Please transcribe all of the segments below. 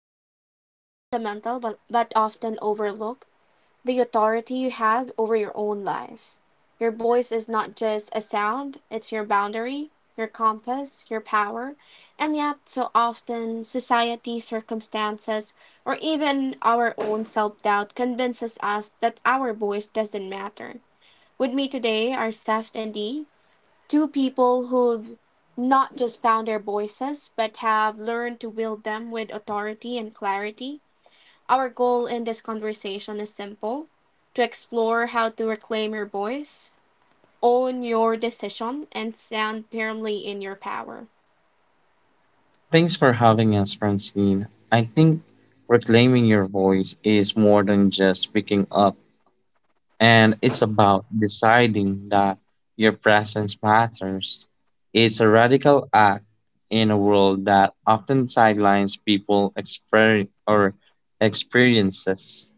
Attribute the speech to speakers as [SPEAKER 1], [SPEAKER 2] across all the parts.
[SPEAKER 1] something that is fundamental but often overlooked the authority you have over your own life. Your voice is not just a sound, it's your boundary, your compass, your power, and yet, so often, society, circumstances, or even our own self doubt convinces us that our voice doesn't matter. With me today are Seth and Dee. Two people who've not just found their voices, but have learned to wield them with authority and clarity. Our goal in this conversation is simple to explore how to reclaim your voice, own your decision, and stand firmly in your power.
[SPEAKER 2] Thanks for having us, Francine. I think reclaiming your voice is more than just speaking up, and it's about deciding that your presence matters. It's a radical act in a world that often sidelines people exper- or experiences,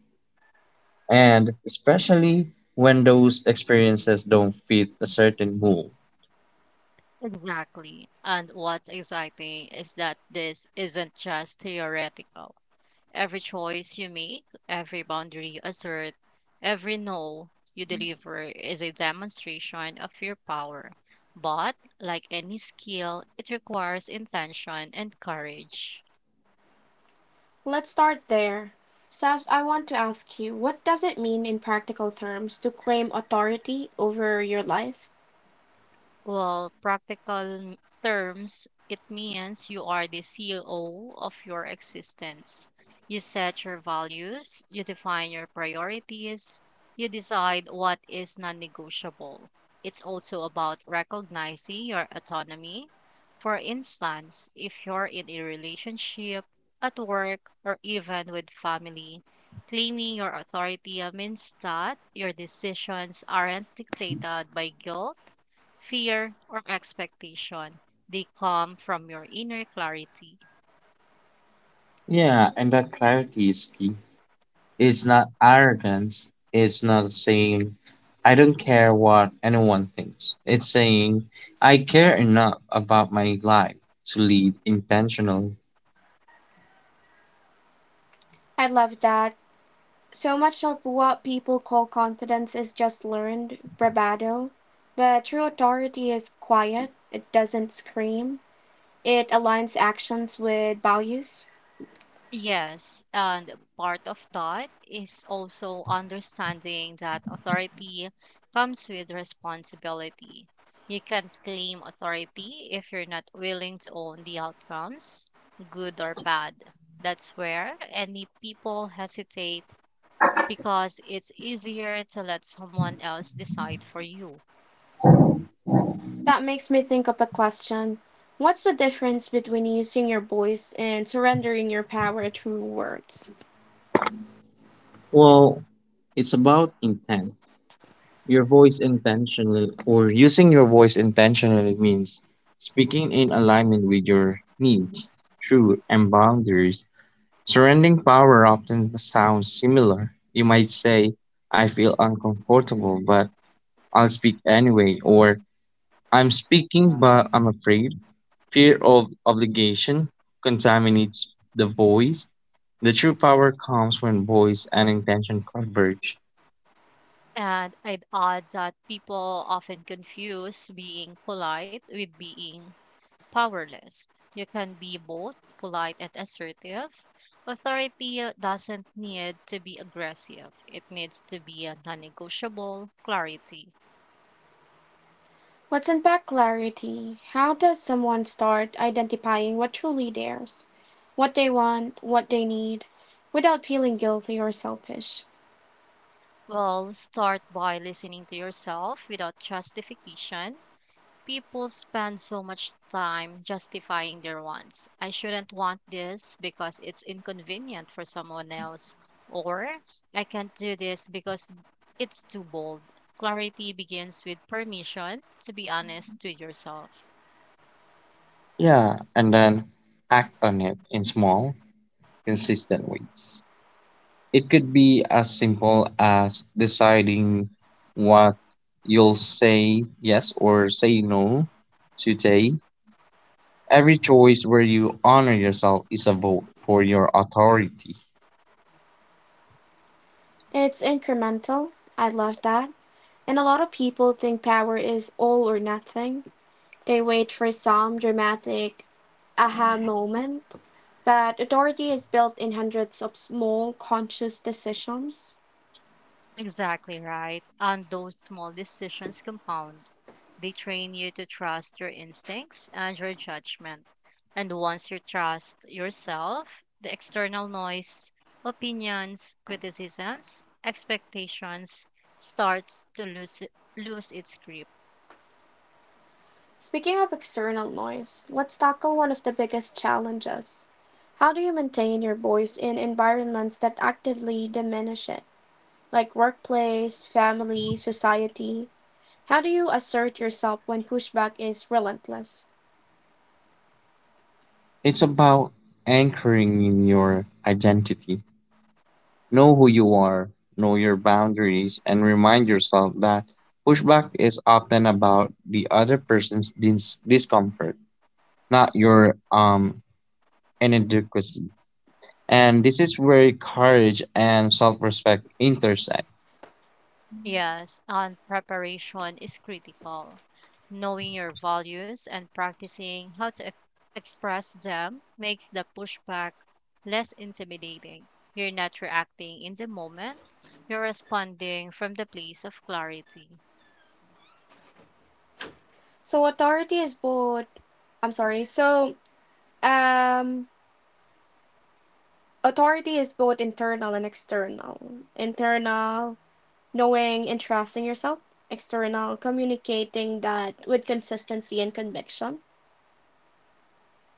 [SPEAKER 2] and especially when those experiences don't fit a certain mold.
[SPEAKER 3] Exactly. And what's exciting is that this isn't just theoretical. Every choice you make, every boundary you assert, every no you deliver is a demonstration of your power. But, like any skill, it requires intention and courage.
[SPEAKER 1] Let's start there. Seth, I want to ask you what does it mean in practical terms to claim authority over your life?
[SPEAKER 3] Well, practical terms, it means you are the CEO of your existence. You set your values, you define your priorities, you decide what is non negotiable. It's also about recognizing your autonomy. For instance, if you're in a relationship, at work, or even with family, claiming your authority means that your decisions aren't dictated by guilt, fear, or expectation. They come from your inner clarity.
[SPEAKER 2] Yeah, and that clarity is key. It's not arrogance. It's not saying, I don't care what anyone thinks. It's saying, I care enough about my life to lead intentionally.
[SPEAKER 1] I love that. So much of what people call confidence is just learned bravado. But true authority is quiet, it doesn't scream, it aligns actions with values.
[SPEAKER 3] Yes, and part of that is also understanding that authority comes with responsibility. You can't claim authority if you're not willing to own the outcomes, good or bad. That's where any people hesitate because it's easier to let someone else decide for you.
[SPEAKER 1] That makes me think of a question what's the difference between using your voice and surrendering your power through words?
[SPEAKER 2] Well, it's about intent. Your voice intentionally, or using your voice intentionally means speaking in alignment with your needs, truth, and boundaries. Surrendering power often sounds similar. You might say, I feel uncomfortable, but I'll speak anyway, or I'm speaking but I'm afraid. Fear of obligation contaminates the voice. The true power comes when voice and intention converge.
[SPEAKER 3] And I'd add that people often confuse being polite with being powerless. You can be both polite and assertive. Authority doesn't need to be aggressive, it needs to be a non negotiable clarity.
[SPEAKER 1] Let's unpack clarity. How does someone start identifying what truly theirs, what they want, what they need, without feeling guilty or selfish?
[SPEAKER 3] Well, start by listening to yourself without justification. People spend so much time justifying their wants. I shouldn't want this because it's inconvenient for someone else. Or I can't do this because it's too bold. Clarity begins with permission to be honest with yourself.
[SPEAKER 2] Yeah, and then act on it in small, consistent ways. It could be as simple as deciding what you'll say yes or say no today. Every choice where you honor yourself is a vote for your authority.
[SPEAKER 1] It's incremental. I love that. And a lot of people think power is all or nothing. They wait for some dramatic aha moment. But authority is built in hundreds of small conscious decisions.
[SPEAKER 3] Exactly right. And those small decisions compound. They train you to trust your instincts and your judgment. And once you trust yourself, the external noise, opinions, criticisms, expectations starts to lose its grip.
[SPEAKER 1] Speaking of external noise, let's tackle one of the biggest challenges. How do you maintain your voice in environments that actively diminish it, like workplace, family, society? How do you assert yourself when pushback is relentless?
[SPEAKER 2] It's about anchoring in your identity. Know who you are, know your boundaries, and remind yourself that pushback is often about the other person's discomfort, not your inadequacy. And this is where courage and self respect intersect.
[SPEAKER 3] Yes, and preparation is critical. Knowing your values and practicing how to express them makes the pushback less intimidating. You're not reacting in the moment, you're responding from the place of clarity.
[SPEAKER 1] So authority is both I'm sorry. So um authority is both internal and external. Internal knowing and trusting yourself. External communicating that with consistency and conviction.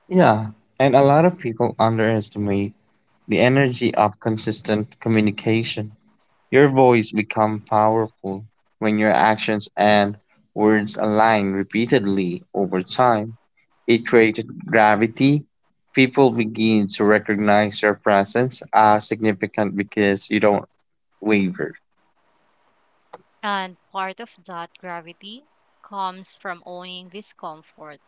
[SPEAKER 2] Yeah, and a lot of people underestimate the energy of consistent communication. Your voice becomes powerful when your actions and words align repeatedly over time. It creates gravity. People begin to recognize your presence as significant because you don't waver.
[SPEAKER 3] And part of that gravity comes from owning discomfort.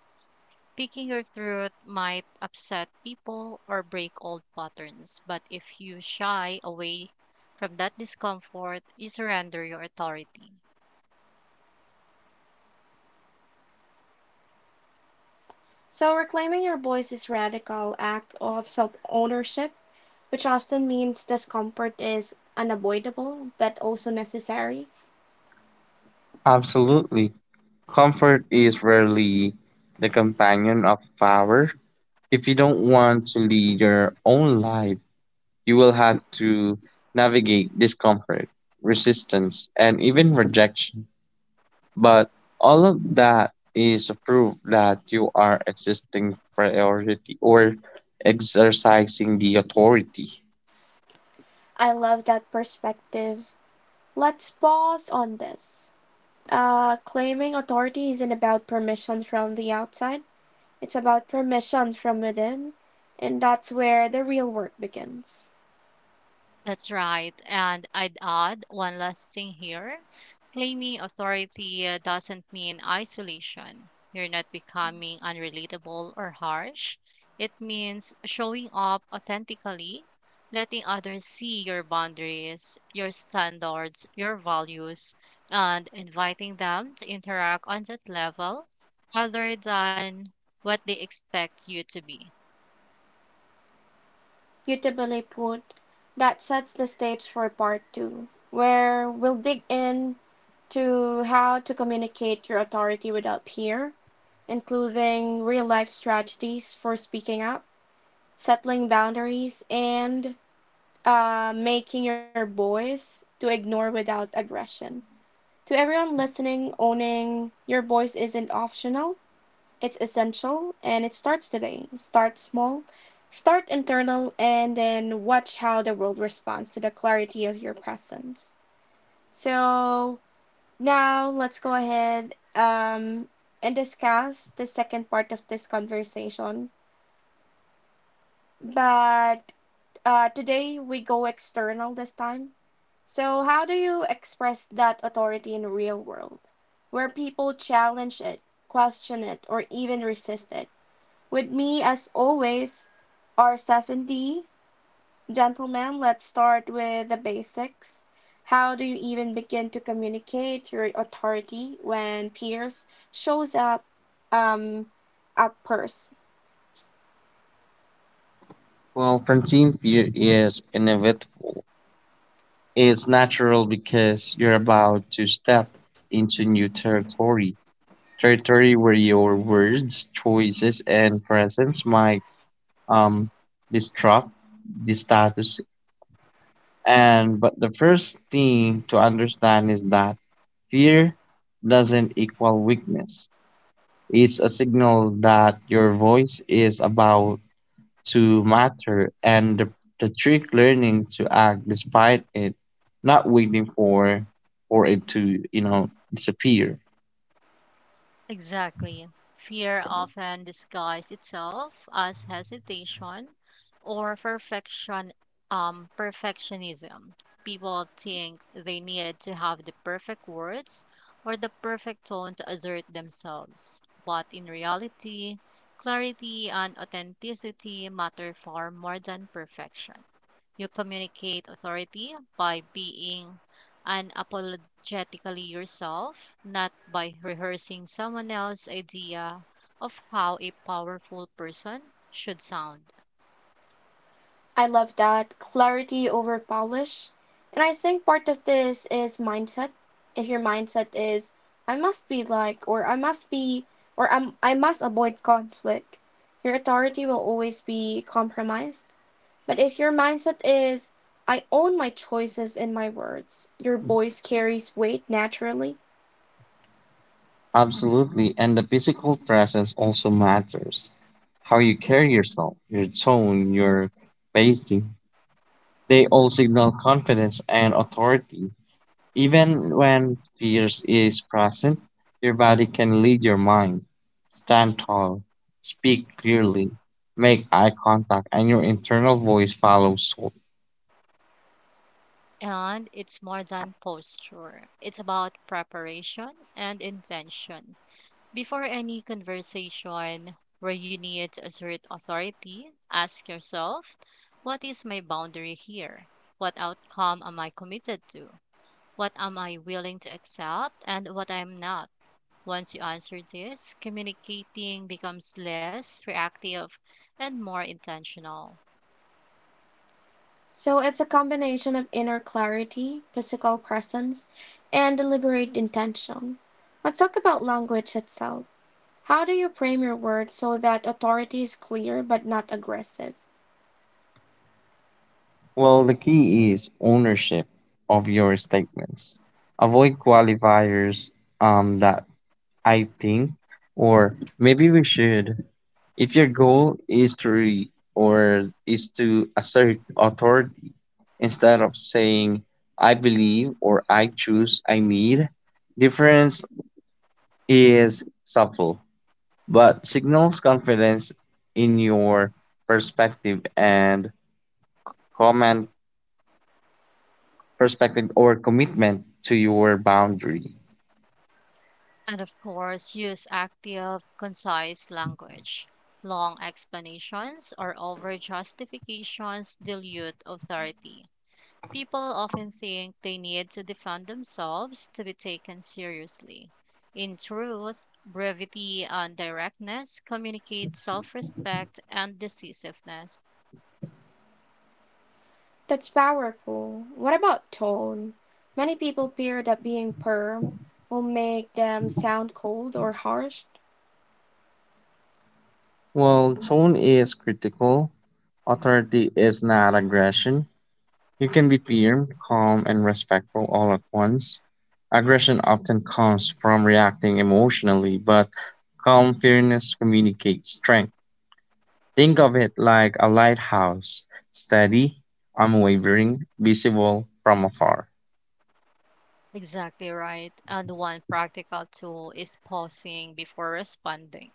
[SPEAKER 3] Picking your throat might upset people or break old patterns, but if you shy away from that discomfort, you surrender your authority.
[SPEAKER 1] So reclaiming your voice is a radical act of self-ownership, which often means discomfort is unavoidable but also necessary.
[SPEAKER 2] Absolutely. Comfort is rarely the companion of power. If you don't want to lead your own life, you will have to navigate discomfort, resistance, and even rejection. But all of that is a proof that you are existing priority or exercising the authority.
[SPEAKER 1] I love that perspective. Let's pause on this. Claiming authority isn't about permission from the outside, it's about permission from within, and that's where the real work begins.
[SPEAKER 3] That's right. And I'd add one last thing here. Claiming authority doesn't mean isolation. You're not becoming unrelatable or harsh. It means showing up authentically, letting others see your boundaries, your standards, your values, and inviting them to interact on that level other than what they expect you to be.
[SPEAKER 1] Beautifully put, that sets the stage for part two, where we'll dig in to how to communicate your authority without fear, including real life strategies for speaking up, settling boundaries, and making your voice to ignore without aggression. To everyone listening, owning your voice isn't optional, it's essential, and it starts today. Start small, start internal, and then watch how the world responds to the clarity of your presence. So, now let's go ahead and discuss the second part of this conversation. But today we go external this time. So how do you express that authority in the real world, where people challenge it, question it, or even resist it? With me, as always, are 70 gentlemen. Let's start with the basics. How do you even begin to communicate your authority when peers shows up um, a purse?
[SPEAKER 2] Well, Francine, fear is inevitable. It's natural because you're about to step into new territory, territory where your words, choices, and presence might um disrupt the status. And but the first thing to understand is that fear doesn't equal weakness. It's a signal that your voice is about to matter, and the trick learning to act despite it, not waiting for it to, disappear.
[SPEAKER 3] Exactly. Fear often disguises itself as hesitation or perfectionism. People think they need to have the perfect words or the perfect tone to assert themselves. But in reality, clarity and authenticity matter far more than perfection. You communicate authority by being unapologetically yourself, not by rehearsing someone else's idea of how a powerful person should sound.
[SPEAKER 1] I love that clarity over polish. And I think part of this is mindset. If your mindset is I must be like or I must be or I must avoid conflict, your authority will always be compromised. But if your mindset is I own my choices and my words, your voice carries weight naturally.
[SPEAKER 2] Absolutely, and the physical presence also matters. How you carry yourself, your tone, your pacing, they all signal confidence and authority. Even when fear is present, your body can lead your mind. Stand tall, speak clearly, make eye contact, and your internal voice follows suit.
[SPEAKER 3] And it's more than posture, it's about preparation and intention. Before any conversation where you need to assert authority, ask yourself, what is my boundary here? What outcome am I committed to? What am I willing to accept and what I am not? Once you answer this, communicating becomes less reactive and more intentional.
[SPEAKER 1] So it's a combination of inner clarity, physical presence, and deliberate intention. Let's talk about language itself. How do you frame your words so that authority is clear but not aggressive?
[SPEAKER 2] Well, the key is ownership of your statements. Avoid qualifiers, that I think or maybe we should. If your goal is to re- or is to assert authority, instead of saying I believe or I choose I need. Difference is subtle, but signals confidence in your perspective and command perspective or commitment to your boundary.
[SPEAKER 3] And of course, use active, concise language. Long explanations or over justifications dilute authority. People often think they need to defend themselves to be taken seriously. In truth, brevity and directness communicate self respect and decisiveness.
[SPEAKER 1] That's powerful. What about tone? Many people fear that being firm will make them sound cold or harsh.
[SPEAKER 2] Well, tone is critical. Authority is not aggression. You can be firm, calm, and respectful all at once. Aggression often comes from reacting emotionally, but calm fairness communicates strength. Think of it like a lighthouse, steady, unwavering, visible from afar.
[SPEAKER 3] Exactly right. And one practical tool is pausing before responding.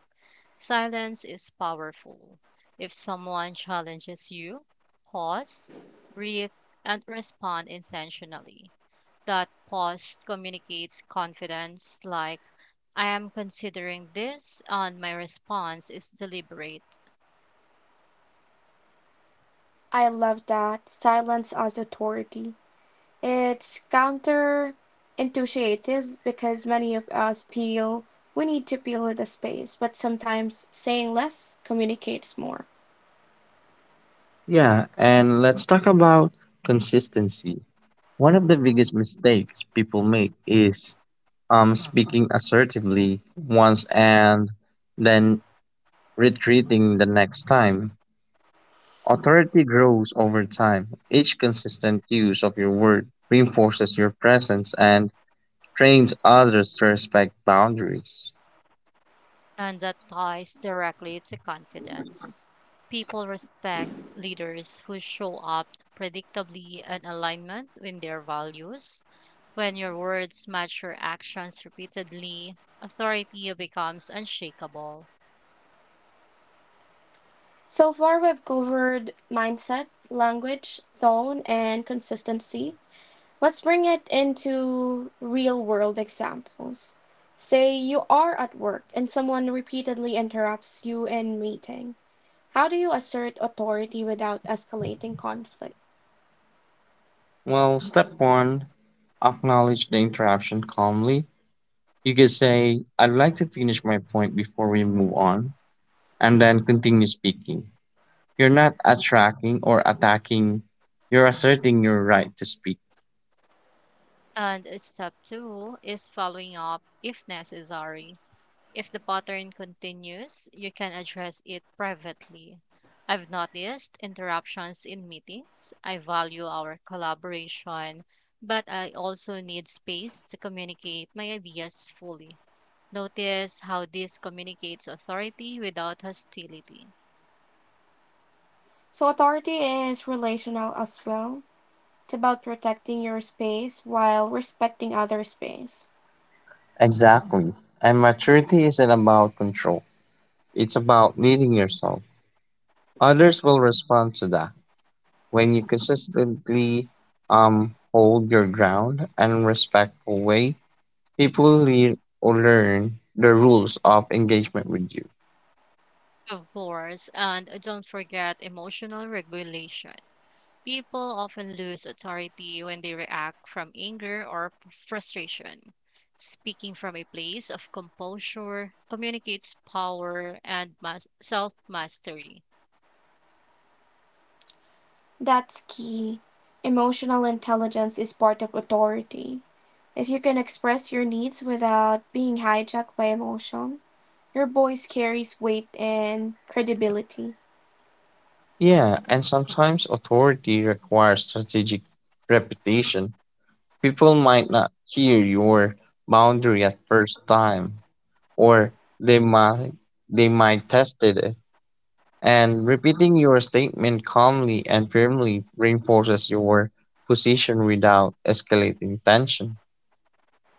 [SPEAKER 3] Silence is powerful. If someone challenges you, pause, breathe, and respond intentionally. That pause communicates confidence, like, I am considering this, and my response is deliberate.
[SPEAKER 1] I love that. Silence as authority. It's counterintuitive because many of us feel we need to fill the space, but sometimes saying less communicates more.
[SPEAKER 2] Yeah, and let's talk about consistency. One of the biggest mistakes people make is speaking assertively once and then retreating the next time. Authority grows over time. Each consistent use of your word reinforces your presence and trains others to respect boundaries.
[SPEAKER 3] And that ties directly to confidence. People respect leaders who show up predictably and alignment with their values. When your words match your actions repeatedly, authority becomes unshakable.
[SPEAKER 1] So far, we've covered mindset, language, tone, and consistency. Let's bring it into real world examples. Say you are at work and someone repeatedly interrupts you in meeting. How do you assert authority without escalating conflict?
[SPEAKER 2] Well, step one, acknowledge the interruption calmly. You can say, I'd like to finish my point before we move on, and then continue speaking. You're not attracting or attacking, you're asserting your right to speak.
[SPEAKER 3] And step two is following up if necessary. If the pattern continues, you can address it privately. I've noticed interruptions in meetings. I value our collaboration, but I also need space to communicate my ideas fully. Notice how this communicates authority without hostility.
[SPEAKER 1] So, authority is relational as well. It's about protecting your space while respecting other space.
[SPEAKER 2] Exactly. And maturity isn't about control, it's about leading yourself. Others will respond to that. When you consistently, hold your ground and respectful way, people learn the rules of engagement with you.
[SPEAKER 3] Of course, and don't forget emotional regulation. People often lose authority when they react from anger or frustration. Speaking from a place of composure communicates power and self mastery.
[SPEAKER 1] That's key. Emotional intelligence is part of authority. If you can express your needs without being hijacked by emotion, your voice carries weight and credibility.
[SPEAKER 2] Yeah, and sometimes authority requires strategic repetition. People might not hear your boundary at first time, or they might they might test it. And repeating your statement calmly and firmly reinforces your position without escalating tension.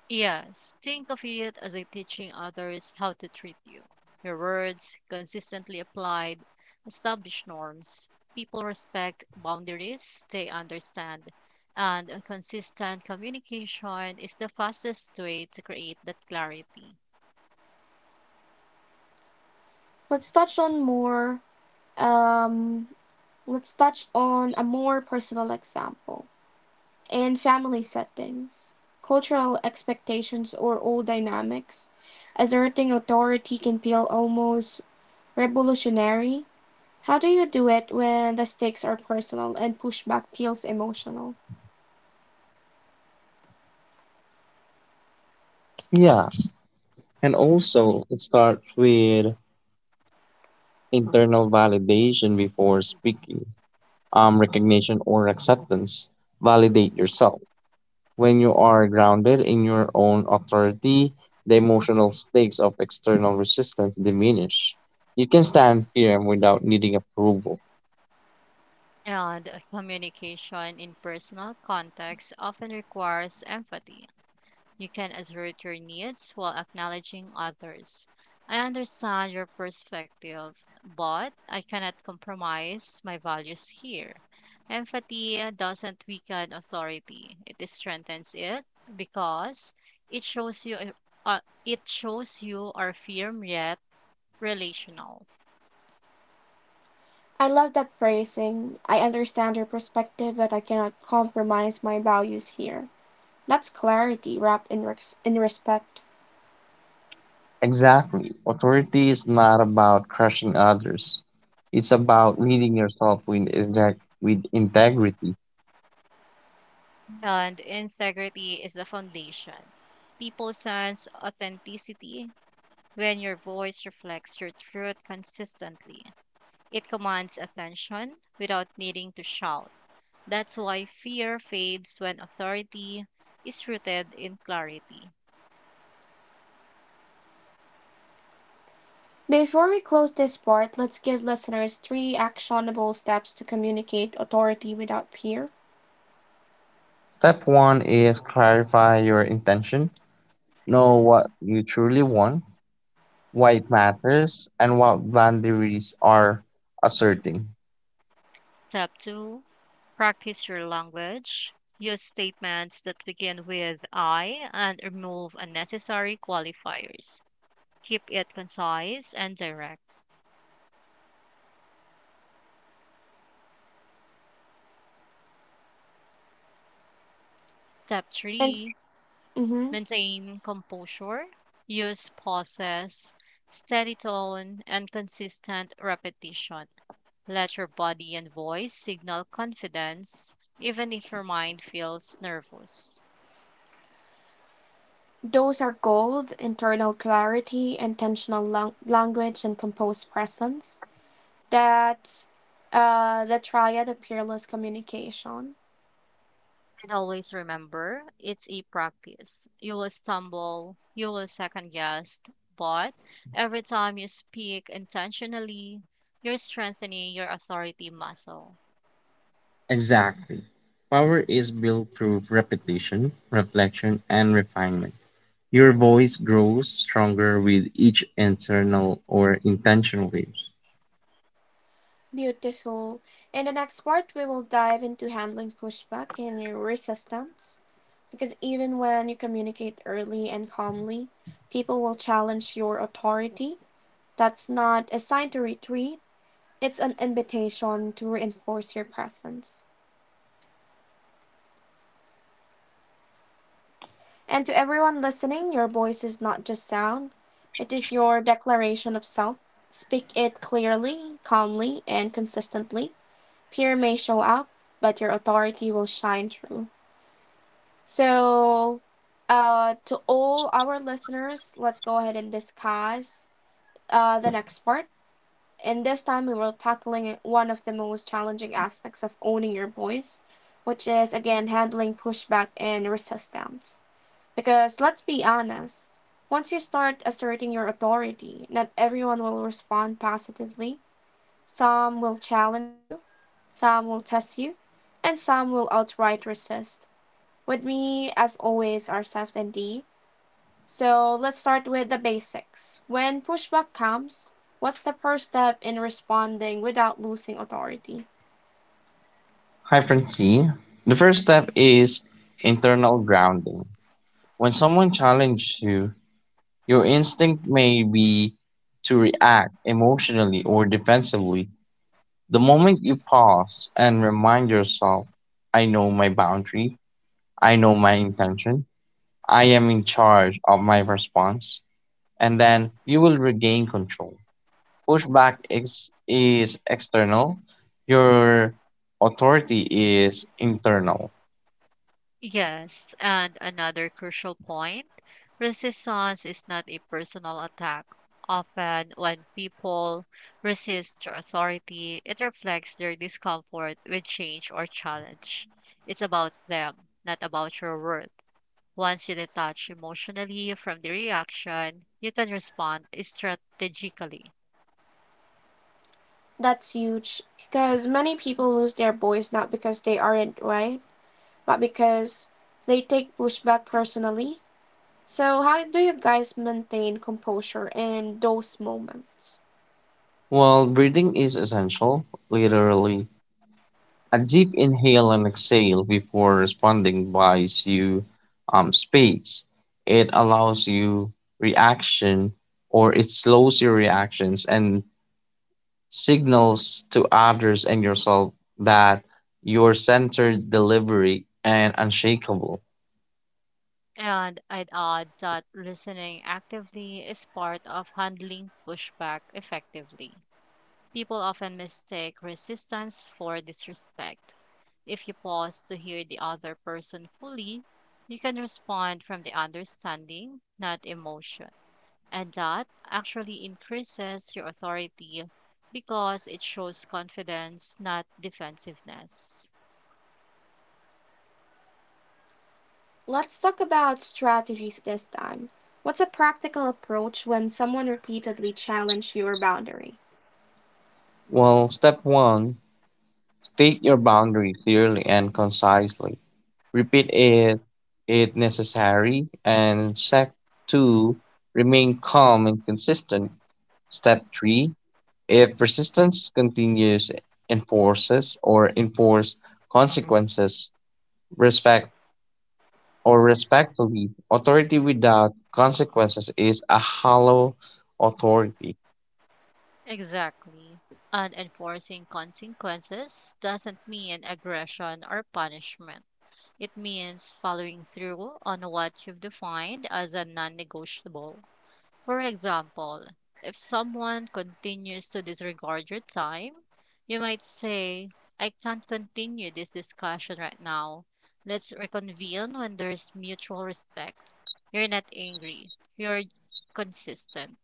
[SPEAKER 3] Yes, think of it as a teaching others how to treat you. Your words, consistently applied, establish norms. People respect boundaries, they understand. And a consistent communication is the fastest way to create that clarity.
[SPEAKER 1] Let's touch on more. Um, let's touch on a more personal example in family settings. Cultural expectations or old dynamics, asserting authority can feel almost revolutionary. How do you do it when the stakes are personal and pushback feels emotional?
[SPEAKER 2] Yeah, and also it starts with internal validation before speaking, recognition or acceptance. Validate yourself. When you are grounded in your own authority, the emotional stakes of external resistance diminish. You can stand firm without needing approval.
[SPEAKER 3] And communication in personal contexts often requires empathy. You can assert your needs while acknowledging others. I understand your perspective, but I cannot compromise my values here. Empathy doesn't weaken authority, it strengthens it because it shows you uh, it shows you are firm yet relational.
[SPEAKER 1] I love that phrasing. I understand your perspective, but I cannot compromise my values here. That's clarity wrapped in, in respect.
[SPEAKER 2] Exactly. Authority is not about crushing others. It's about leading yourself with integrity.
[SPEAKER 3] And integrity is the foundation. People sense authenticity when your voice reflects your truth consistently. It commands attention without needing to shout. That's why fear fades when authority is rooted in clarity.
[SPEAKER 1] Before we close this part, let's give listeners three actionable steps to communicate authority without fear.
[SPEAKER 2] Step one is clarify your intention. Know what you truly want, why it matters, and what boundaries are asserting.
[SPEAKER 3] Step 2. Practice your language. Use statements that begin with I and remove unnecessary qualifiers. Keep it concise and direct. Step
[SPEAKER 1] And
[SPEAKER 3] 3.
[SPEAKER 1] mhm,
[SPEAKER 3] Maintain composure, use pauses, steady tone, and consistent repetition. Let your body and voice signal confidence, even if your mind feels nervous.
[SPEAKER 1] those are goals, internal clarity, language, and composed presence. That's the triad of peerless communication.
[SPEAKER 3] And always remember, it's a practice. You will stumble, you will second guess, but every time you speak intentionally, you're strengthening your authority muscle.
[SPEAKER 2] Exactly. Power is built through repetition, reflection, and refinement. Your voice grows stronger with each internal or intentional use.
[SPEAKER 1] Beautiful. In the next part, we will dive into handling pushback and your resistance. Because even when you communicate early and calmly, people will challenge your authority. That's not a sign to retreat, it's an invitation to reinforce your presence. And to everyone listening, your voice is not just sound, it is your declaration of self. Speak it clearly, calmly, and consistently. Fear may show up, but your authority will shine through. So, to all our listeners, let's go ahead and discuss the next part. And this time, we were tackling one of the most challenging aspects of owning your voice, which is again handling pushback and resistance. Because let's be honest, once you start asserting your authority, not everyone will respond positively. Some will challenge you, some will test you, and some will outright resist. With me, as always, are Seth and Dee. So let's start with the basics. When pushback comes, what's the first step in responding without losing authority?
[SPEAKER 2] Hyphen C. The first step is internal grounding. When someone challenges you, your instinct may be to react emotionally or defensively. The moment you pause and remind yourself, I know my boundary, I know my intention, I am in charge of my response, and then you will regain control. Pushback is external, your authority is internal.
[SPEAKER 3] Yes, and another crucial point: resistance is not a personal attack. Often, when people resist authority, it reflects their discomfort with change or challenge. It's about them, not about your worth. Once you detach emotionally from the reaction, you can respond strategically.
[SPEAKER 1] That's huge because many people lose their voice not because they aren't right, but because they take pushback personally. So, how do you guys maintain composure in those moments?
[SPEAKER 2] While breathing is essential, literally. A deep inhale and exhale before responding buys you, space. It allows you reaction or it slows your reactions and signals to others and yourself that your centered delivery and unshakable.
[SPEAKER 3] And I'd add that listening actively is part of handling pushback effectively. People often mistake resistance for disrespect. If you pause to hear the other person fully, you can respond from the understanding, not emotion. And that actually increases your authority because it shows confidence, not defensiveness.
[SPEAKER 1] Let's talk about strategies this time. What's a practical approach when someone repeatedly challenges your boundary?
[SPEAKER 2] Well, step one, state your boundary clearly and concisely. Repeat it if necessary. And step two, remain calm and consistent. Step 3. If resistance continues, enforce consequences, respect respectfully, authority without consequences is a hollow authority.
[SPEAKER 3] Exactly. And enforcing consequences doesn't mean aggression or punishment. It means following through on what you've defined as a non negotiable. For example, if someone continues to disregard your time, you might say, I can't continue this discussion right now. Let's reconvene when there's mutual respect. You're not angry, you're consistent.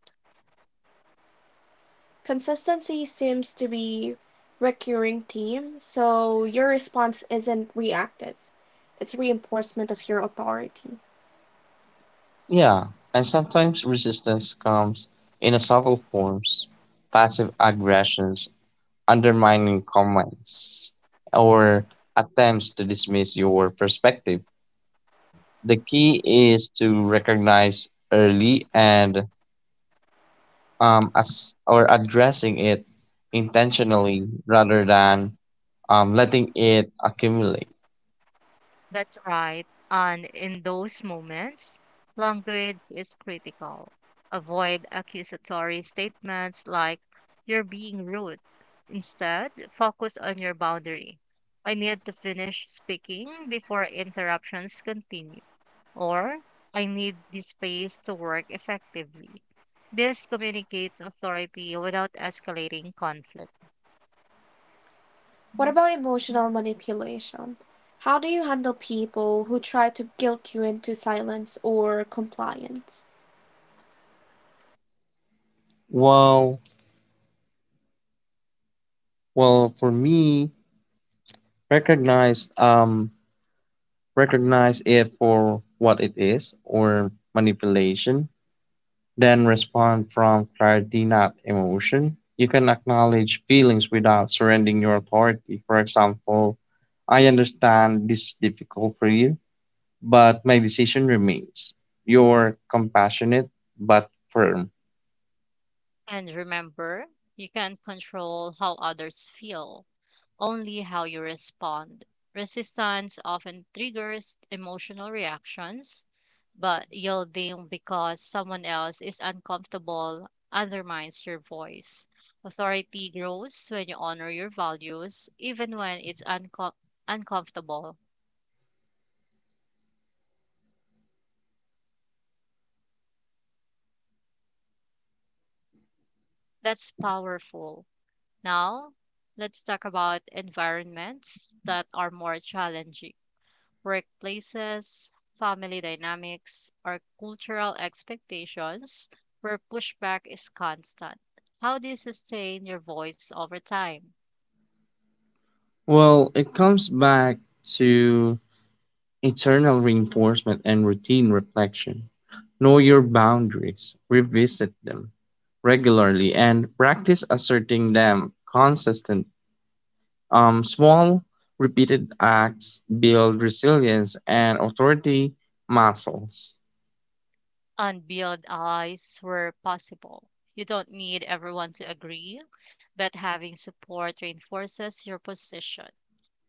[SPEAKER 1] Consistency seems to be a recurring theme, so your response isn't reactive. It's reinforcement of your authority.
[SPEAKER 2] Yeah, and sometimes resistance comes in a subtle forms, passive aggressions, undermining comments, or attempts to dismiss your perspective. The key is to recognize early and, as or addressing it intentionally rather than, letting it accumulate.
[SPEAKER 3] That's right. And in those moments, language is critical. Avoid accusatory statements like, you're being rude. Instead, focus on your boundary. I need to finish speaking before interruptions continue. Or, I need this space to work effectively. This communicates authority without escalating conflict.
[SPEAKER 1] What about emotional manipulation? How do you handle people who try to guilt you into silence or compliance?
[SPEAKER 2] Well, well, for me, recognize um, recognize it for what it is or manipulation, then respond from clarity, not emotion. You can acknowledge feelings without surrendering your authority. For example, I understand this is difficult for you, but my decision remains. You're compassionate but firm.
[SPEAKER 3] And remember, you can't control how others feel, only how you respond. Resistance often triggers emotional reactions, but yielding because someone else is uncomfortable undermines your voice. Authority grows when you honor your values, even when it's uncomfortable. That's powerful. Now, let's talk about environments that are more challenging. Workplaces, family dynamics, or cultural expectations where pushback is constant. How do you sustain your voice over time
[SPEAKER 2] Well, it comes back to internal reinforcement and routine reflection. Know your boundaries, revisit them regularly, and practice asserting them consistent. Small, repeated acts build resilience and authority muscles.
[SPEAKER 3] and build allies where possible? You don't need everyone to agree, but having support reinforces your position.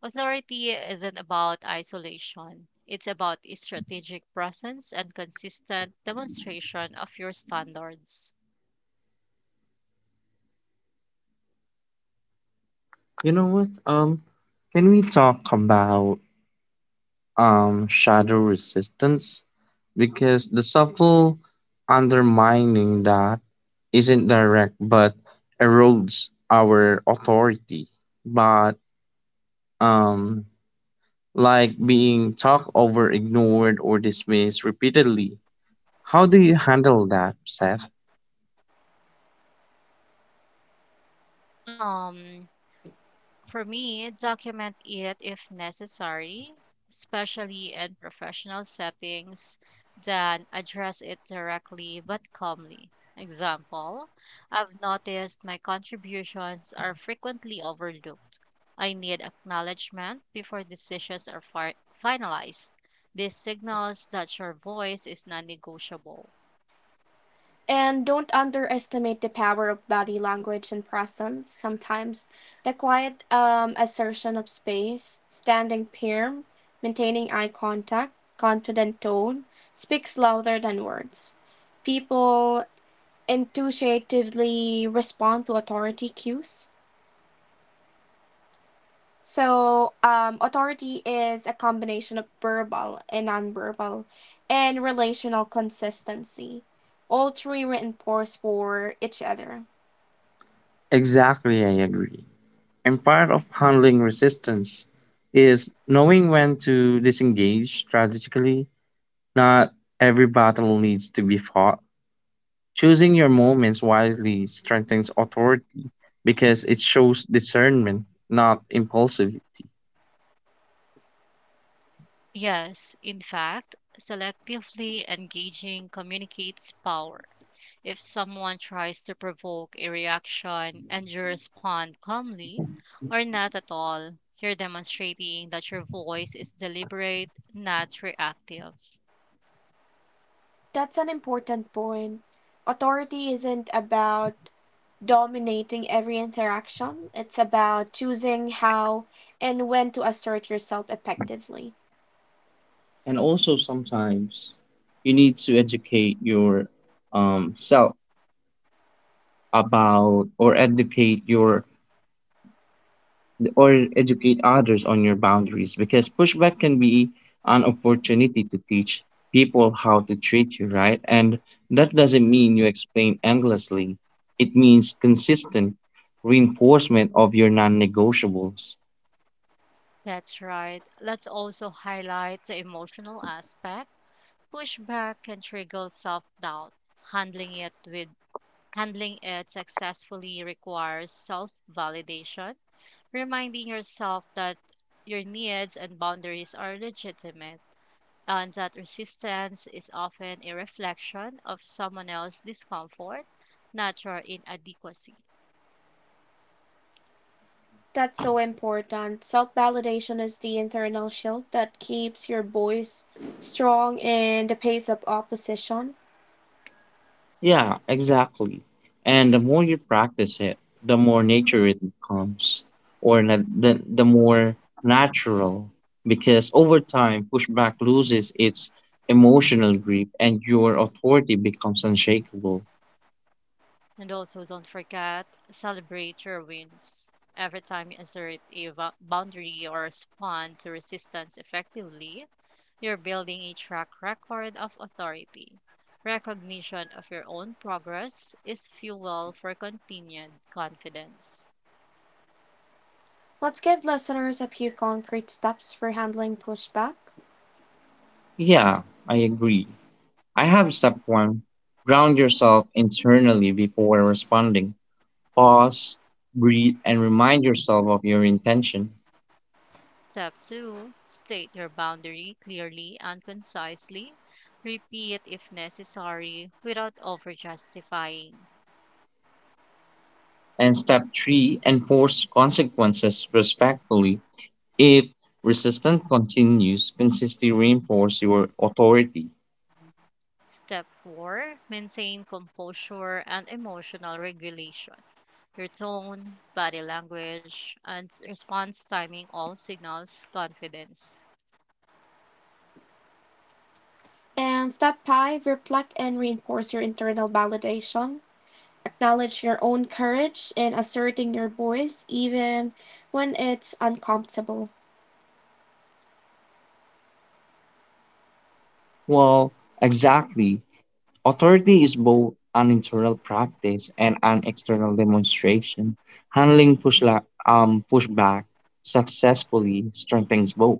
[SPEAKER 3] Authority isn't about isolation. It's about a strategic presence and consistent demonstration of your standards.
[SPEAKER 2] You know what? Can we talk about shadow resistance, because the subtle undermining that isn't direct but erodes our authority, but um like being talked over, ignored, or dismissed repeatedly? How do you handle that, Seth?
[SPEAKER 3] Um, For me, document it if necessary, especially in professional settings, then address it directly but calmly. Example, I've noticed my contributions are frequently overlooked. I need acknowledgement before decisions are finalized. This signals that your voice is non negotiable.
[SPEAKER 1] And don't underestimate the power of body language and presence. Sometimes the quiet assertion of space, standing firm, maintaining eye contact, confident tone, speaks louder than words. People intuitively respond to authority cues. So, authority is a combination of verbal and nonverbal and relational consistency. All three reinforce for each other.
[SPEAKER 2] Exactly, I agree. And part of handling resistance is knowing when to disengage strategically. Not every battle needs to be fought. Choosing your moments wisely strengthens authority because it shows discernment, not impulsivity.
[SPEAKER 3] Yes, in fact, selectively engaging communicates power. If someone tries to provoke a reaction and you respond calmly or not at all, you're demonstrating that your voice is deliberate, not reactive.
[SPEAKER 1] That's an important point. Authority isn't about dominating every interaction, it's about choosing how and when to assert yourself effectively.
[SPEAKER 2] And also, sometimes you need to um, self about or educate your educate others on your boundaries, because pushback can be an opportunity to teach people how to treat you, right? And that doesn't mean you explain endlessly, it means consistent reinforcement of your non negotiables.
[SPEAKER 3] That's right. Let's also highlight the emotional aspect. Pushback can trigger self-doubt. Handling it with Handling it successfully requires self-validation, reminding yourself that your needs and boundaries are legitimate and that resistance is often a reflection of someone else's discomfort, not your inadequacy.
[SPEAKER 1] That's so important. Self validation is the internal shield that keeps your voice strong in the face of opposition.
[SPEAKER 2] Yeah, exactly. And the more you practice it, the more nature it becomes, or the more natural, because over time, pushback loses its emotional grip and your authority becomes unshakable.
[SPEAKER 3] And also, don't forget, celebrate your wins. Every time you assert a boundary or respond to resistance effectively, you're building a track record of authority. Recognition of your own progress is fuel for continued confidence.
[SPEAKER 1] Let's give listeners a few concrete steps for handling pushback.
[SPEAKER 2] Yeah, I agree. I have step one, ground yourself internally before responding. Pause, breathe, and remind yourself of your intention.
[SPEAKER 3] Step two, state your boundary clearly and concisely. Repeat if necessary without over justifying.
[SPEAKER 2] And step three, enforce consequences respectfully. If resistance continues, consistency reinforces your authority.
[SPEAKER 3] Step four, maintain composure and emotional regulation. Your tone, body language, and response timing all signals confidence.
[SPEAKER 1] And step five, reflect and reinforce your internal validation. Acknowledge your own courage in asserting your voice, even when it's uncomfortable.
[SPEAKER 2] Well, exactly. Authority is both an internal practice and an external demonstration. Handling pushback successfully strengthens both.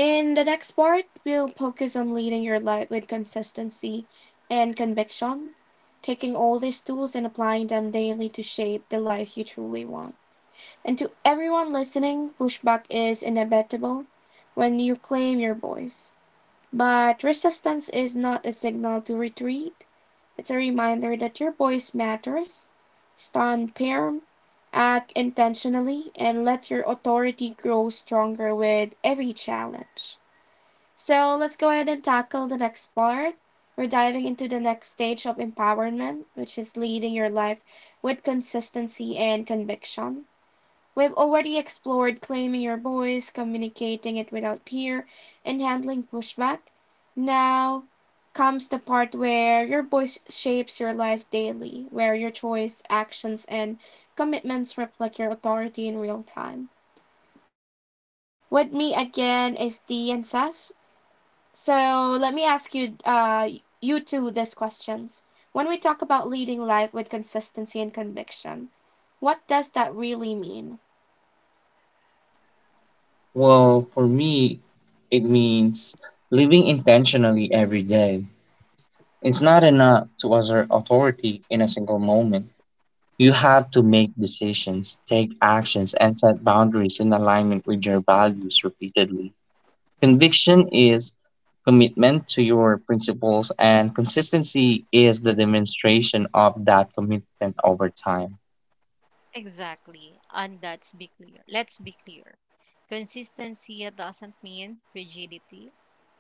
[SPEAKER 1] In the next part, we'll focus on leading your life with consistency and conviction, taking all these tools and applying them daily to shape the life you truly want. And to everyone listening, pushback is inevitable when you claim your voice, but resistance is not a signal to retreat. It's a reminder that your voice matters. Stand firm, act intentionally, and let your authority grow stronger with every challenge. So let's go ahead and tackle the next part. We're diving into the next stage of empowerment, which is leading your life with consistency and conviction. We've already explored claiming your voice, communicating it without peer, and handling pushback. Now comes the part where your voice shapes your life daily, where your choice, actions, and commitments reflect your authority in real time. With me again is Dee and Seth. So let me ask you, you two, these questions. When we talk about leading life with consistency and conviction, what does that really mean?
[SPEAKER 2] Well, for me, it means living intentionally every day. It's not enough to assert authority in a single moment. You have to make decisions, take actions, and set boundaries in alignment with your values repeatedly. Conviction is commitment to your principles, and consistency is the demonstration of that commitment over time.
[SPEAKER 3] Exactly. And that's be clear. Let's be clear. Consistency doesn't mean rigidity.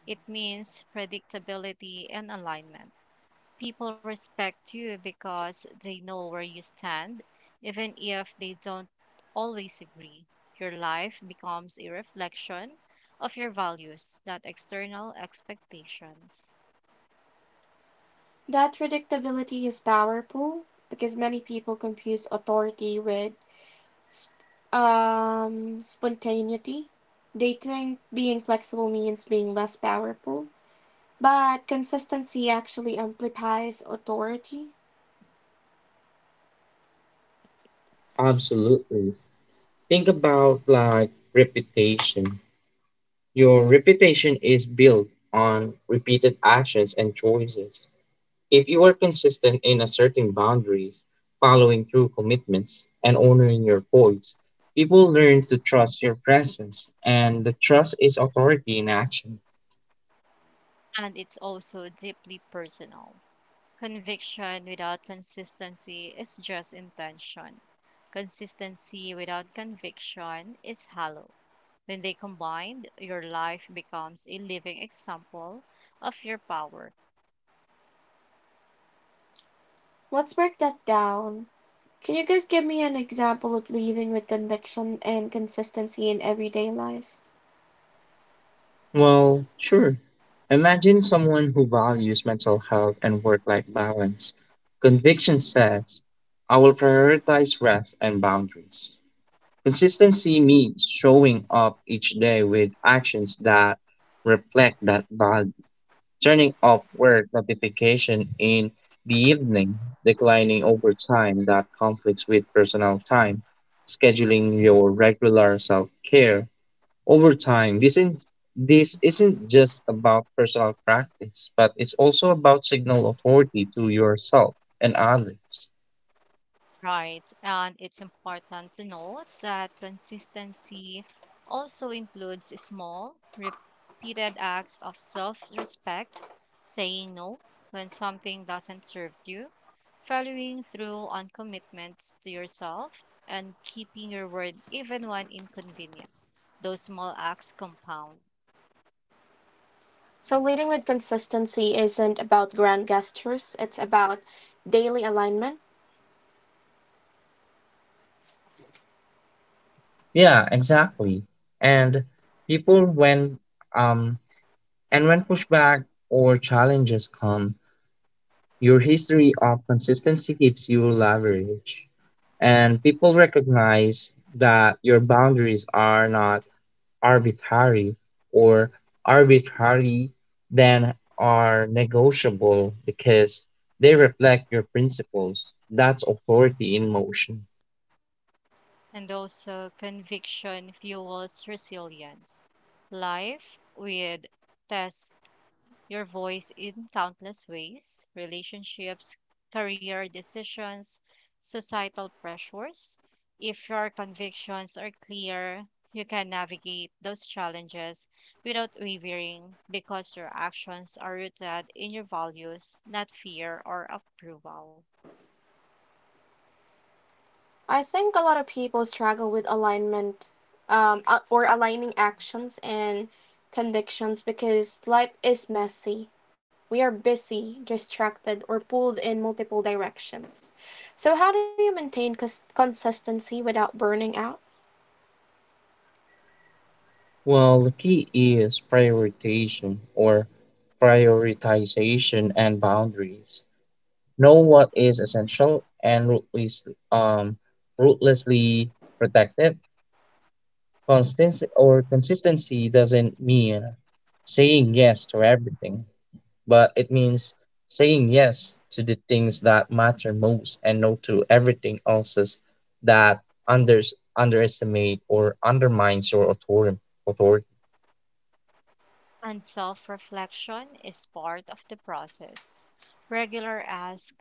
[SPEAKER 3] It means predictability and alignment. People respect you because they know where you stand, even if they don't always agree. Your life becomes a reflection of your values, not external expectations.
[SPEAKER 1] That predictability is powerful because many people confuse authority with spontaneity. They think being flexible means being less powerful, but consistency actually amplifies authority.
[SPEAKER 2] Absolutely. Think about like reputation. Your reputation is built on repeated actions and choices. If you are consistent in asserting boundaries, following through commitments, and honoring your voice, people learn to trust your presence, and the trust is authority in action.
[SPEAKER 3] And it's also deeply personal. Conviction without consistency is just intention. Consistency without conviction is hollow. When they combined, your life becomes a living example of your power.
[SPEAKER 1] Let's break that down. Can you guys give me an example of leading with conviction and consistency in everyday life?
[SPEAKER 2] Well, sure. Imagine someone who values mental health and work life balance. Conviction says, I will prioritize rest and boundaries. Consistency means showing up each day with actions that reflect that value, turning off work notification in the evening, declining overtime that conflicts with personal time, scheduling your regular self-care. Over time, this isn't just about personal practice, but it's also about signal authority to yourself and others.
[SPEAKER 3] Right. And it's important to note that consistency also includes small, repeated acts of self respect, saying no when something doesn't serve you, following through on commitments to yourself, and keeping your word even when inconvenient. Those small acts compound.
[SPEAKER 1] So, leading with consistency isn't about grand gestures, it's about daily alignment.
[SPEAKER 2] Yeah, exactly. And people when um and when pushback or challenges come, your history of consistency gives you leverage. And people recognize that your boundaries are not arbitrary or arbitrary, then are negotiable, because they reflect your principles. That's authority in motion.
[SPEAKER 3] And also, conviction fuels resilience. Life with tests your voice in countless ways: relationships, career decisions, societal pressures. If your convictions are clear, you can navigate those challenges without wavering because your actions are rooted in your values, not fear or approval.
[SPEAKER 1] I think a lot of people struggle with alignment or aligning actions and convictions because life is messy. We are busy, distracted, or pulled in multiple directions. So, how do you maintain consistency without burning out?
[SPEAKER 2] Well, the key is prioritization and boundaries. Know what is essential, and um, ruthlessly protect it. Constancy or Consistency doesn't mean saying yes to everything, but it means saying yes to the things that matter most and no to everything else that unders underestimate or undermines your authority.
[SPEAKER 3] And self reflection is part of the process. Regular ask: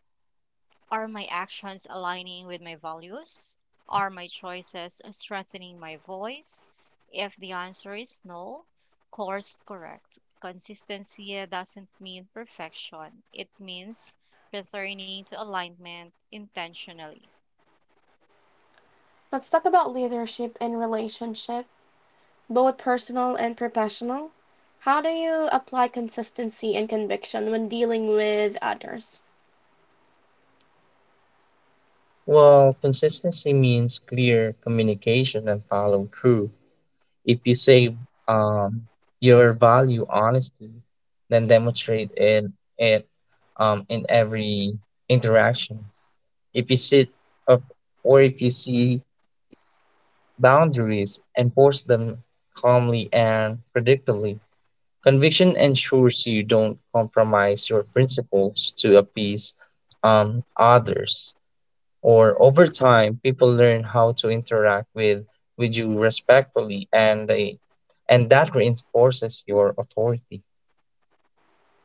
[SPEAKER 3] are my actions aligning with my values? Are my choices strengthening my voice? If the answer is no, course correct. Consistency doesn't mean perfection, it means returning to alignment intentionally.
[SPEAKER 1] Let's talk about leadership and relationship, both personal and professional. How do you apply consistency and conviction when dealing with others?
[SPEAKER 2] Well, consistency means clear communication and follow through. If you say, um, your value honesty, then demonstrate it in every interaction. If you sit up or if you see boundaries, enforce them calmly and predictably. Conviction ensures you don't compromise your principles to appease, others. Or over time, people learn how to interact with you respectfully, and that reinforces your authority.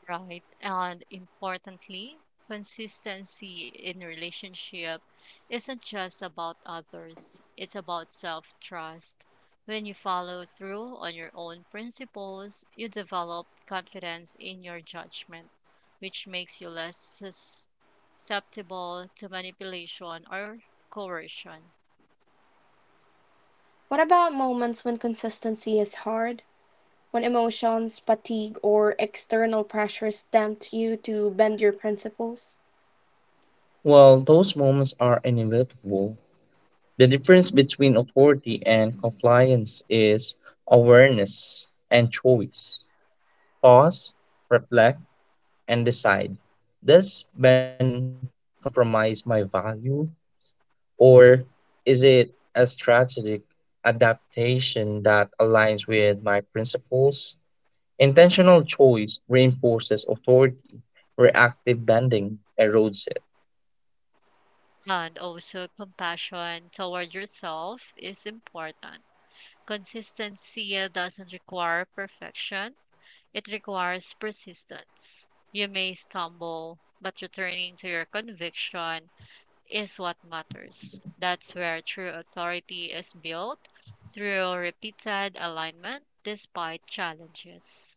[SPEAKER 3] Right. And importantly, consistency in relationship isn't just about others, it's about self trust. When you follow through on your own principles, you develop confidence in your judgment, which makes you less susceptible to manipulation or coercion.
[SPEAKER 1] What about moments when consistency is hard, when emotions, fatigue, or external pressures tempt you to bend your principles?
[SPEAKER 2] Well, those moments are inevitable. The difference between authority and compliance is awareness and choice. Pause, reflect, and decide. Does bending compromise my value, or is it a strategic adaptation that aligns with my principles? Intentional choice reinforces authority, reactive bending erodes it.
[SPEAKER 3] And also, compassion toward yourself is important. Consistency doesn't require perfection. It requires persistence. You may stumble, but returning to your conviction is what matters. That's where true authority is built through repeated alignment despite challenges.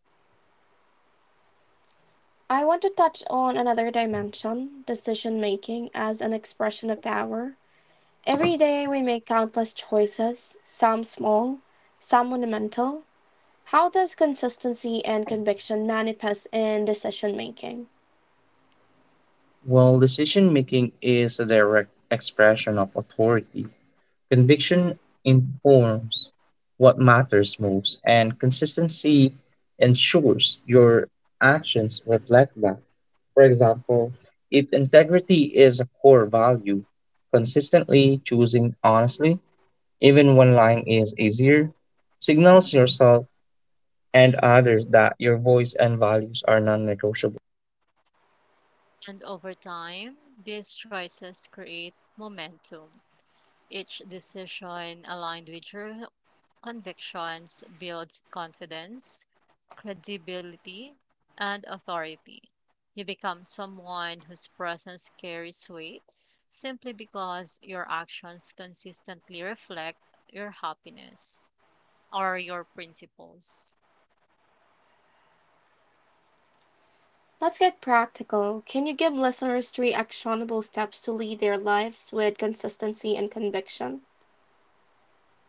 [SPEAKER 1] I want to touch on another dimension decision making as an expression of power. Every day we make countless choices, some small, some monumental. How does consistency and conviction manifest in decision making?
[SPEAKER 2] While decision making is a direct expression of authority, conviction informs what matters most, and consistency ensures your actions reflect that. For example, if integrity is a core value, consistently choosing honestly, even when lying is easier, signals yourself and others that your voice and values are non negotiable.
[SPEAKER 3] And over time, these choices create momentum. Each decision aligned with your convictions builds confidence, credibility, and authority. You become someone whose presence carries weight simply because your actions consistently reflect your happiness or your principles.
[SPEAKER 1] Let's get practical. Can you give listeners three actionable steps to lead their lives with consistency and conviction?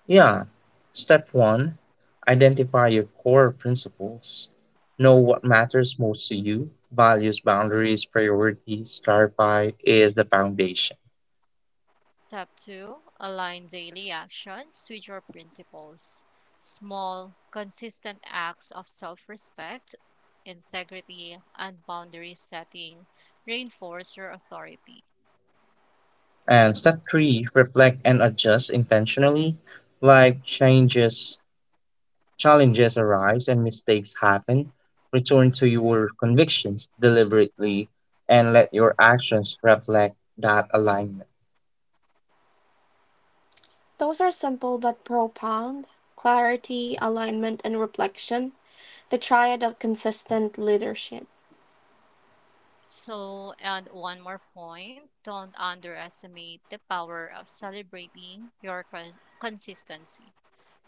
[SPEAKER 2] Yeah. Step one, identify your core principles. Know what matters most to you. Values, boundaries, priorities, clarify is the foundation.
[SPEAKER 3] Step two, align daily actions with your principles. Small, consistent acts of self respect, integrity, and boundary setting reinforce your authority.
[SPEAKER 2] And step three, reflect and adjust intentionally. Like changes, challenges arise and mistakes happen. Return to your convictions deliberately and let your actions reflect that alignment.
[SPEAKER 1] Those are simple but profound: clarity, alignment, and reflection, the triad of consistent leadership.
[SPEAKER 3] So, and one more point, don't underestimate the power of celebrating your consistency.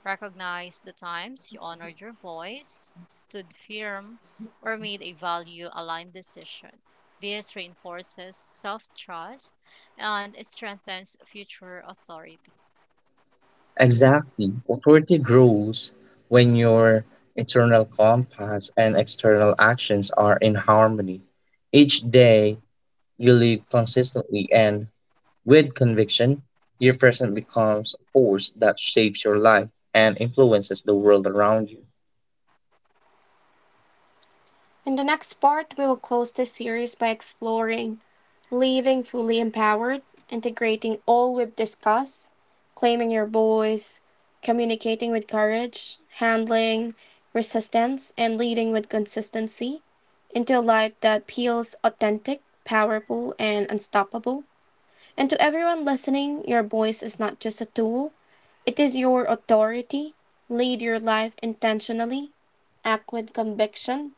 [SPEAKER 3] Recognize the times you honored your voice, stood firm, or made a value aligned decision. This reinforces self trust and strengthens future authority.
[SPEAKER 2] Exactly. Authority grows when your internal compass and external actions are in harmony. Each day you live consistently and with conviction, your present becomes a force that shapes your life and influences the world around you.
[SPEAKER 1] In the next part, we will close this series by exploring leaving fully empowered, integrating all we've discussed, claiming your voice, communicating with courage, handling resistance, and leading with consistency into a life that feels authentic, powerful, and unstoppable. And to everyone listening, your voice is not just a tool, it is your authority. Lead your life intentionally, act with conviction,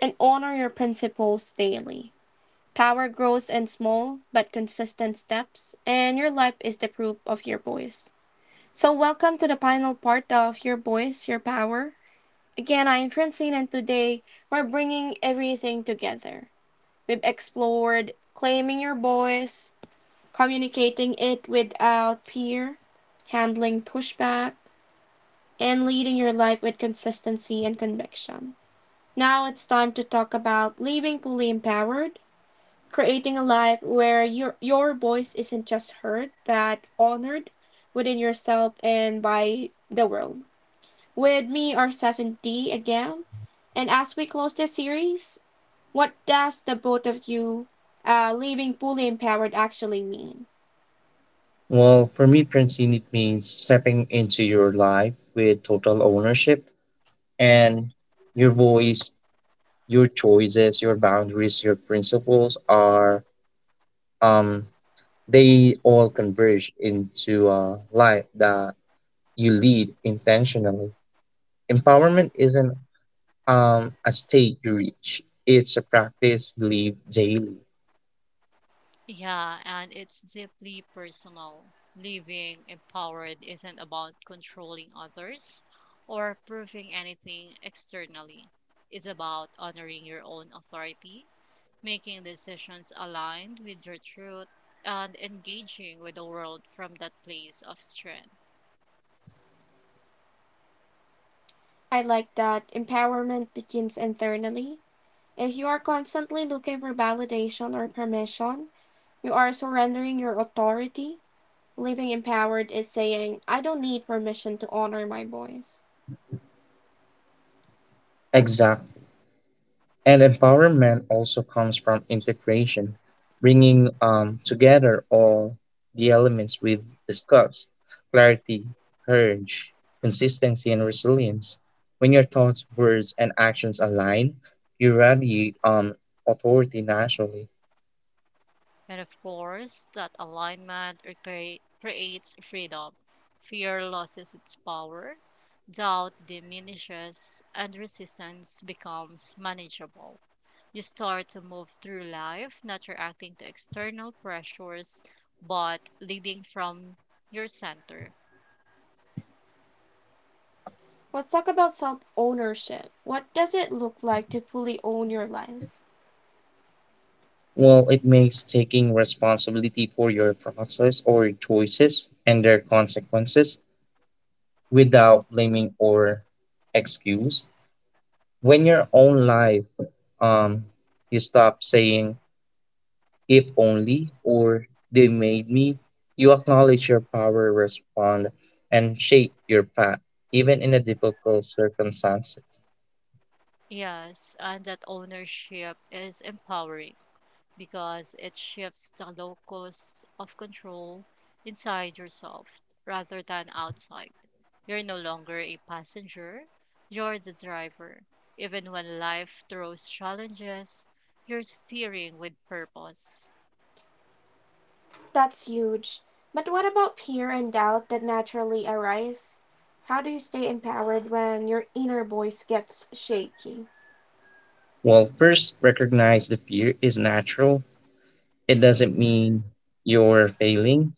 [SPEAKER 1] and honor your principles daily. Power grows in small but consistent steps, and your life is the proof of your voice. So, welcome to the final part of Your Voice, Your Power. Again, I am Francine, and today we're bringing everything together. We've explored claiming your voice, communicating it without fear, handling pushback, and leading your life with consistency and conviction. Now it's time to talk about living fully empowered, creating a life where your voice isn't just heard, but honored within yourself and by the world. With me are 7D again. And as we close this series, what does the both of you living fully empowered actually mean?
[SPEAKER 2] Well, for me, Francine, it means stepping into your life with total ownership and your voice, your choices, your boundaries, your principles are um they all converge into a life that you lead intentionally. Empowerment isn't a state you reach, it's a practice you live daily.
[SPEAKER 3] Yeah, and it's deeply personal. Living empowered isn't about controlling others or proving anything externally. It's about honoring your own authority, making decisions aligned with your truth, and engaging with the world from that place of strength.
[SPEAKER 1] I like that empowerment begins internally. If you are constantly looking for validation or permission, you are surrendering your authority. Living empowered is saying, I don't need permission to honor my voice.
[SPEAKER 2] Exactly. And empowerment also comes from integration, bringing together all the elements we've discussed, clarity, courage, consistency, and resilience. When your thoughts, words, and actions align, you radiate authority naturally.
[SPEAKER 3] And of course, that alignment creates freedom. Fear loses its power, doubt diminishes, and resistance becomes manageable. You start to move through life not reacting to external pressures, but leading from your center.
[SPEAKER 1] Let's talk about self ownership. What does it look like to fully own your life?
[SPEAKER 2] Well, it makes taking responsibility for your process or choices and their consequences without blaming or excuse. When your own life, um, you stop saying if only or they made me, you acknowledge your power, respond, and shape your path, even in a difficult circumstances.
[SPEAKER 3] Yes, and that ownership is empowering, because it shifts the locus of control inside yourself rather than outside. You're no longer a passenger, you're the driver. Even when life throws challenges, you're steering with purpose.
[SPEAKER 1] That's huge. But what about fear and doubt that naturally arise? How do you stay empowered when your inner voice gets shaky?
[SPEAKER 2] Well, first, recognize the fear is natural. It doesn't mean you're failing.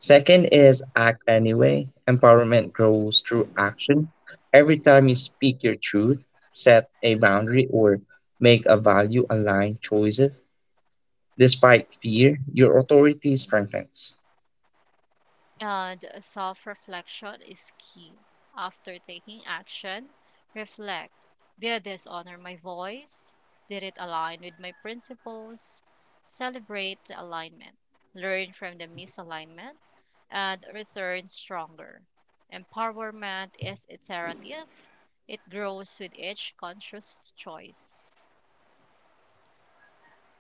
[SPEAKER 2] Second is act anyway. Empowerment grows through action. Every time you speak your truth, set a boundary, or make a value aligned choices, despite fear, your authority strengthens.
[SPEAKER 3] And self reflection is key. After taking action, reflect: did this honor my voice? Did it align with my principles? Celebrate the alignment, learn from the misalignment, and return stronger. Empowerment is iterative, it grows with each conscious choice.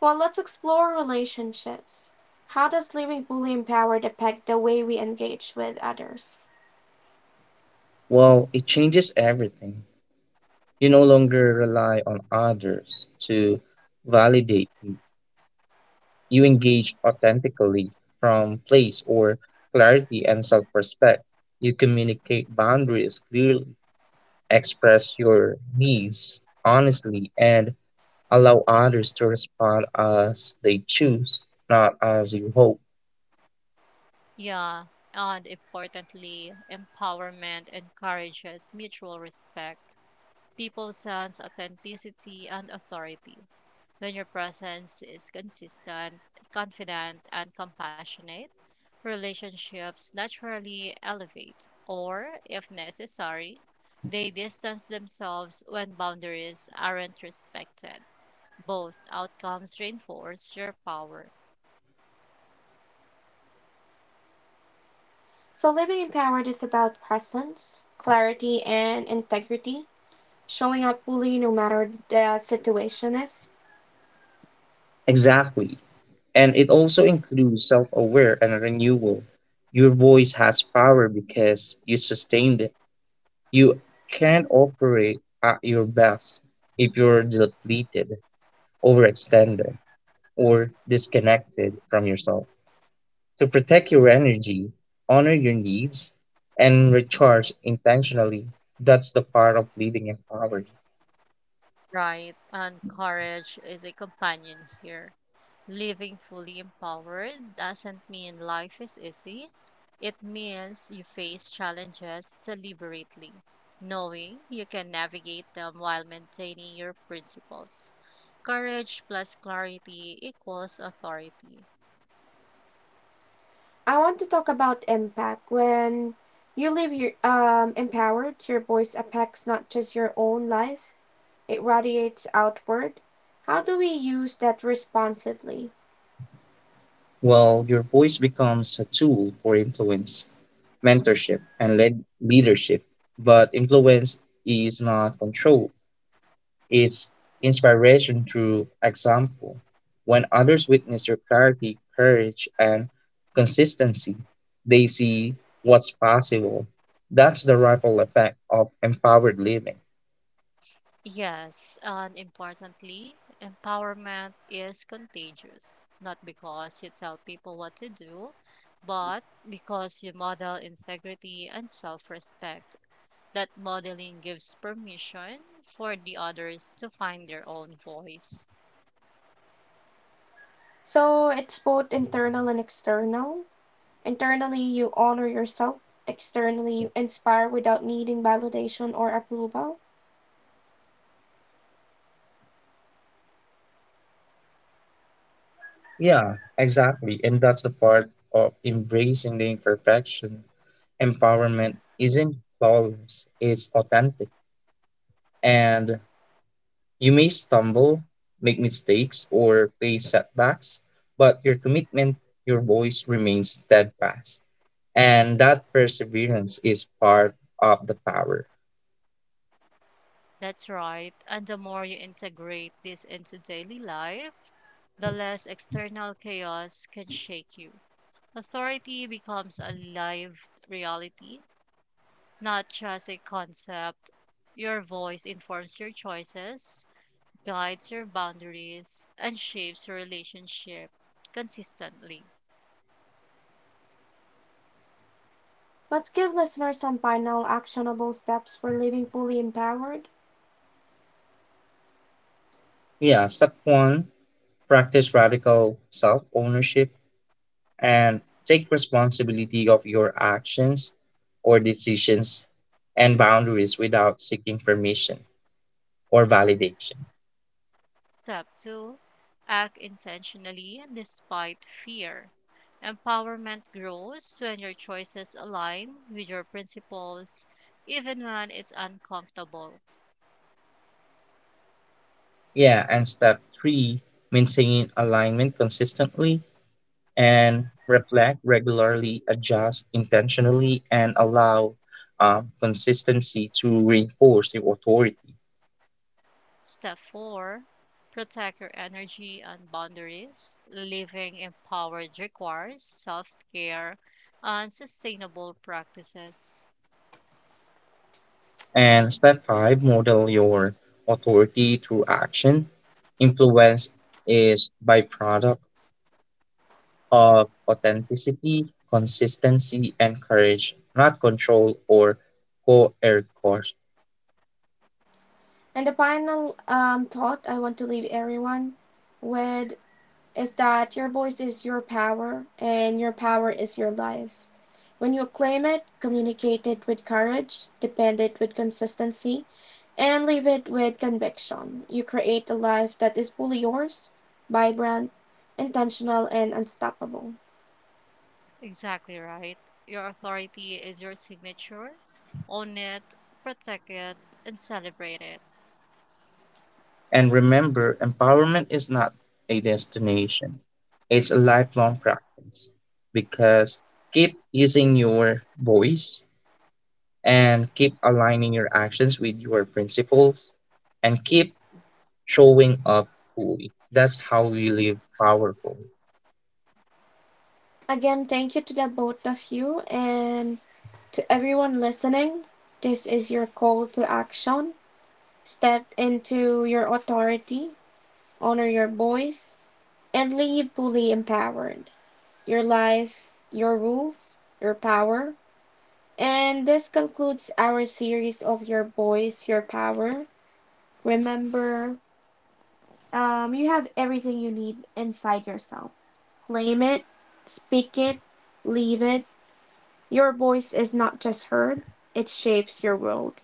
[SPEAKER 1] Well, let's explore relationships. How does living fully empowered affect the way we engage with others?
[SPEAKER 2] Well, it changes everything. You no longer rely on others to validate you. You engage authentically from place or clarity and self respect. You communicate boundaries clearly express your needs honestly and allow others to respond as they choose, not as you hope.
[SPEAKER 3] Yeah, and importantly, empowerment encourages mutual respect. People sense authenticity and authority. When your presence is consistent, confident, and compassionate, relationships naturally elevate, or, if necessary, they distance themselves when boundaries aren't respected. Both outcomes reinforce your power.
[SPEAKER 1] So, living empowered is about presence, clarity, and integrity, showing up fully no matter the situation is.
[SPEAKER 2] Exactly. And it also includes self aware and renewal. Your voice has power because you sustained it. You can't operate at your best if you're depleted, overextended, or disconnected from yourself. To protect your energy, honor your needs, and recharge intentionally. That's the part of living empowered.
[SPEAKER 3] Right, and courage is a companion here. Living fully empowered doesn't mean life is easy. It means you face challenges deliberately, knowing you can navigate them while maintaining your principles. Courage plus clarity equals authority.
[SPEAKER 1] I want to talk about impact. When you live empowered, your voice affects not just your own life, it radiates outward. How do we use that responsively?
[SPEAKER 2] Well, your voice becomes a tool for influence, mentorship, and leadership. But influence is not control, it's inspiration through example. When others witness your clarity, courage, and consistency, they see what's possible. That's the ripple effect of empowered living.
[SPEAKER 3] Yes, and importantly, empowerment is contagious, not because you tell people what to do, but because you model integrity and self respect. That modeling gives permission for the others to find their own voice.
[SPEAKER 1] So, it's both internal and external. Internally, you honor yourself. Externally, you inspire without needing validation or approval.
[SPEAKER 2] Yeah, exactly. And that's the part of embracing the imperfection. Empowerment isn't flawless, it's authentic. And you may stumble, make mistakes, or face setbacks, but your commitment, your voice remains steadfast. And that perseverance is part of the power.
[SPEAKER 3] That's right. And the more you integrate this into daily life, the less external chaos can shake you. Authority becomes a lived reality, not just a concept. Your voice informs your choices, guides your boundaries, and shapes your relationship consistently.
[SPEAKER 1] Let's give listeners some final actionable steps for living fully empowered.
[SPEAKER 2] Yeah, step one, practice radical self ownership and take responsibility of your actions or decisions and boundaries without seeking permission or validation.
[SPEAKER 3] Step 2, act intentionally despite fear. Empowerment grows when your choices align with your principles, even when it's uncomfortable.
[SPEAKER 2] Yeah, and step three, maintain alignment consistently and reflect regularly, adjust intentionally, and allow consistency to reinforce your authority.
[SPEAKER 3] Step four, protect your energy and boundaries. Living empowered requires self care and sustainable practices.
[SPEAKER 2] And step five, model your authority through action. Influence is byproduct of authenticity, consistency, and courage, not control or coercion.
[SPEAKER 1] And the final thought I want to leave everyone with is that your voice is your power and your power is your life. When you claim it, communicate it with courage, defend it with consistency, and live it with conviction, you create a life that is fully yours, vibrant, intentional, and unstoppable.
[SPEAKER 3] Exactly right. Your authority is your signature. Own it, protect it, and celebrate it.
[SPEAKER 2] And remember, empowerment is not a destination, it's a lifelong practice because keep using your voice and keep aligning your actions with your principles and keep showing up fully. That's how we live powerful.
[SPEAKER 1] Again, thank you to the both of you and to everyone listening. This is your call to action. Step into your authority, honor your voice, and leave fully empowered. Your life, your rules, your power. And this concludes our series of Your Voice, Your Power. Remember, you have everything you need inside yourself. Claim it, speak it, leave it. Your voice is not just heard, it shapes your world.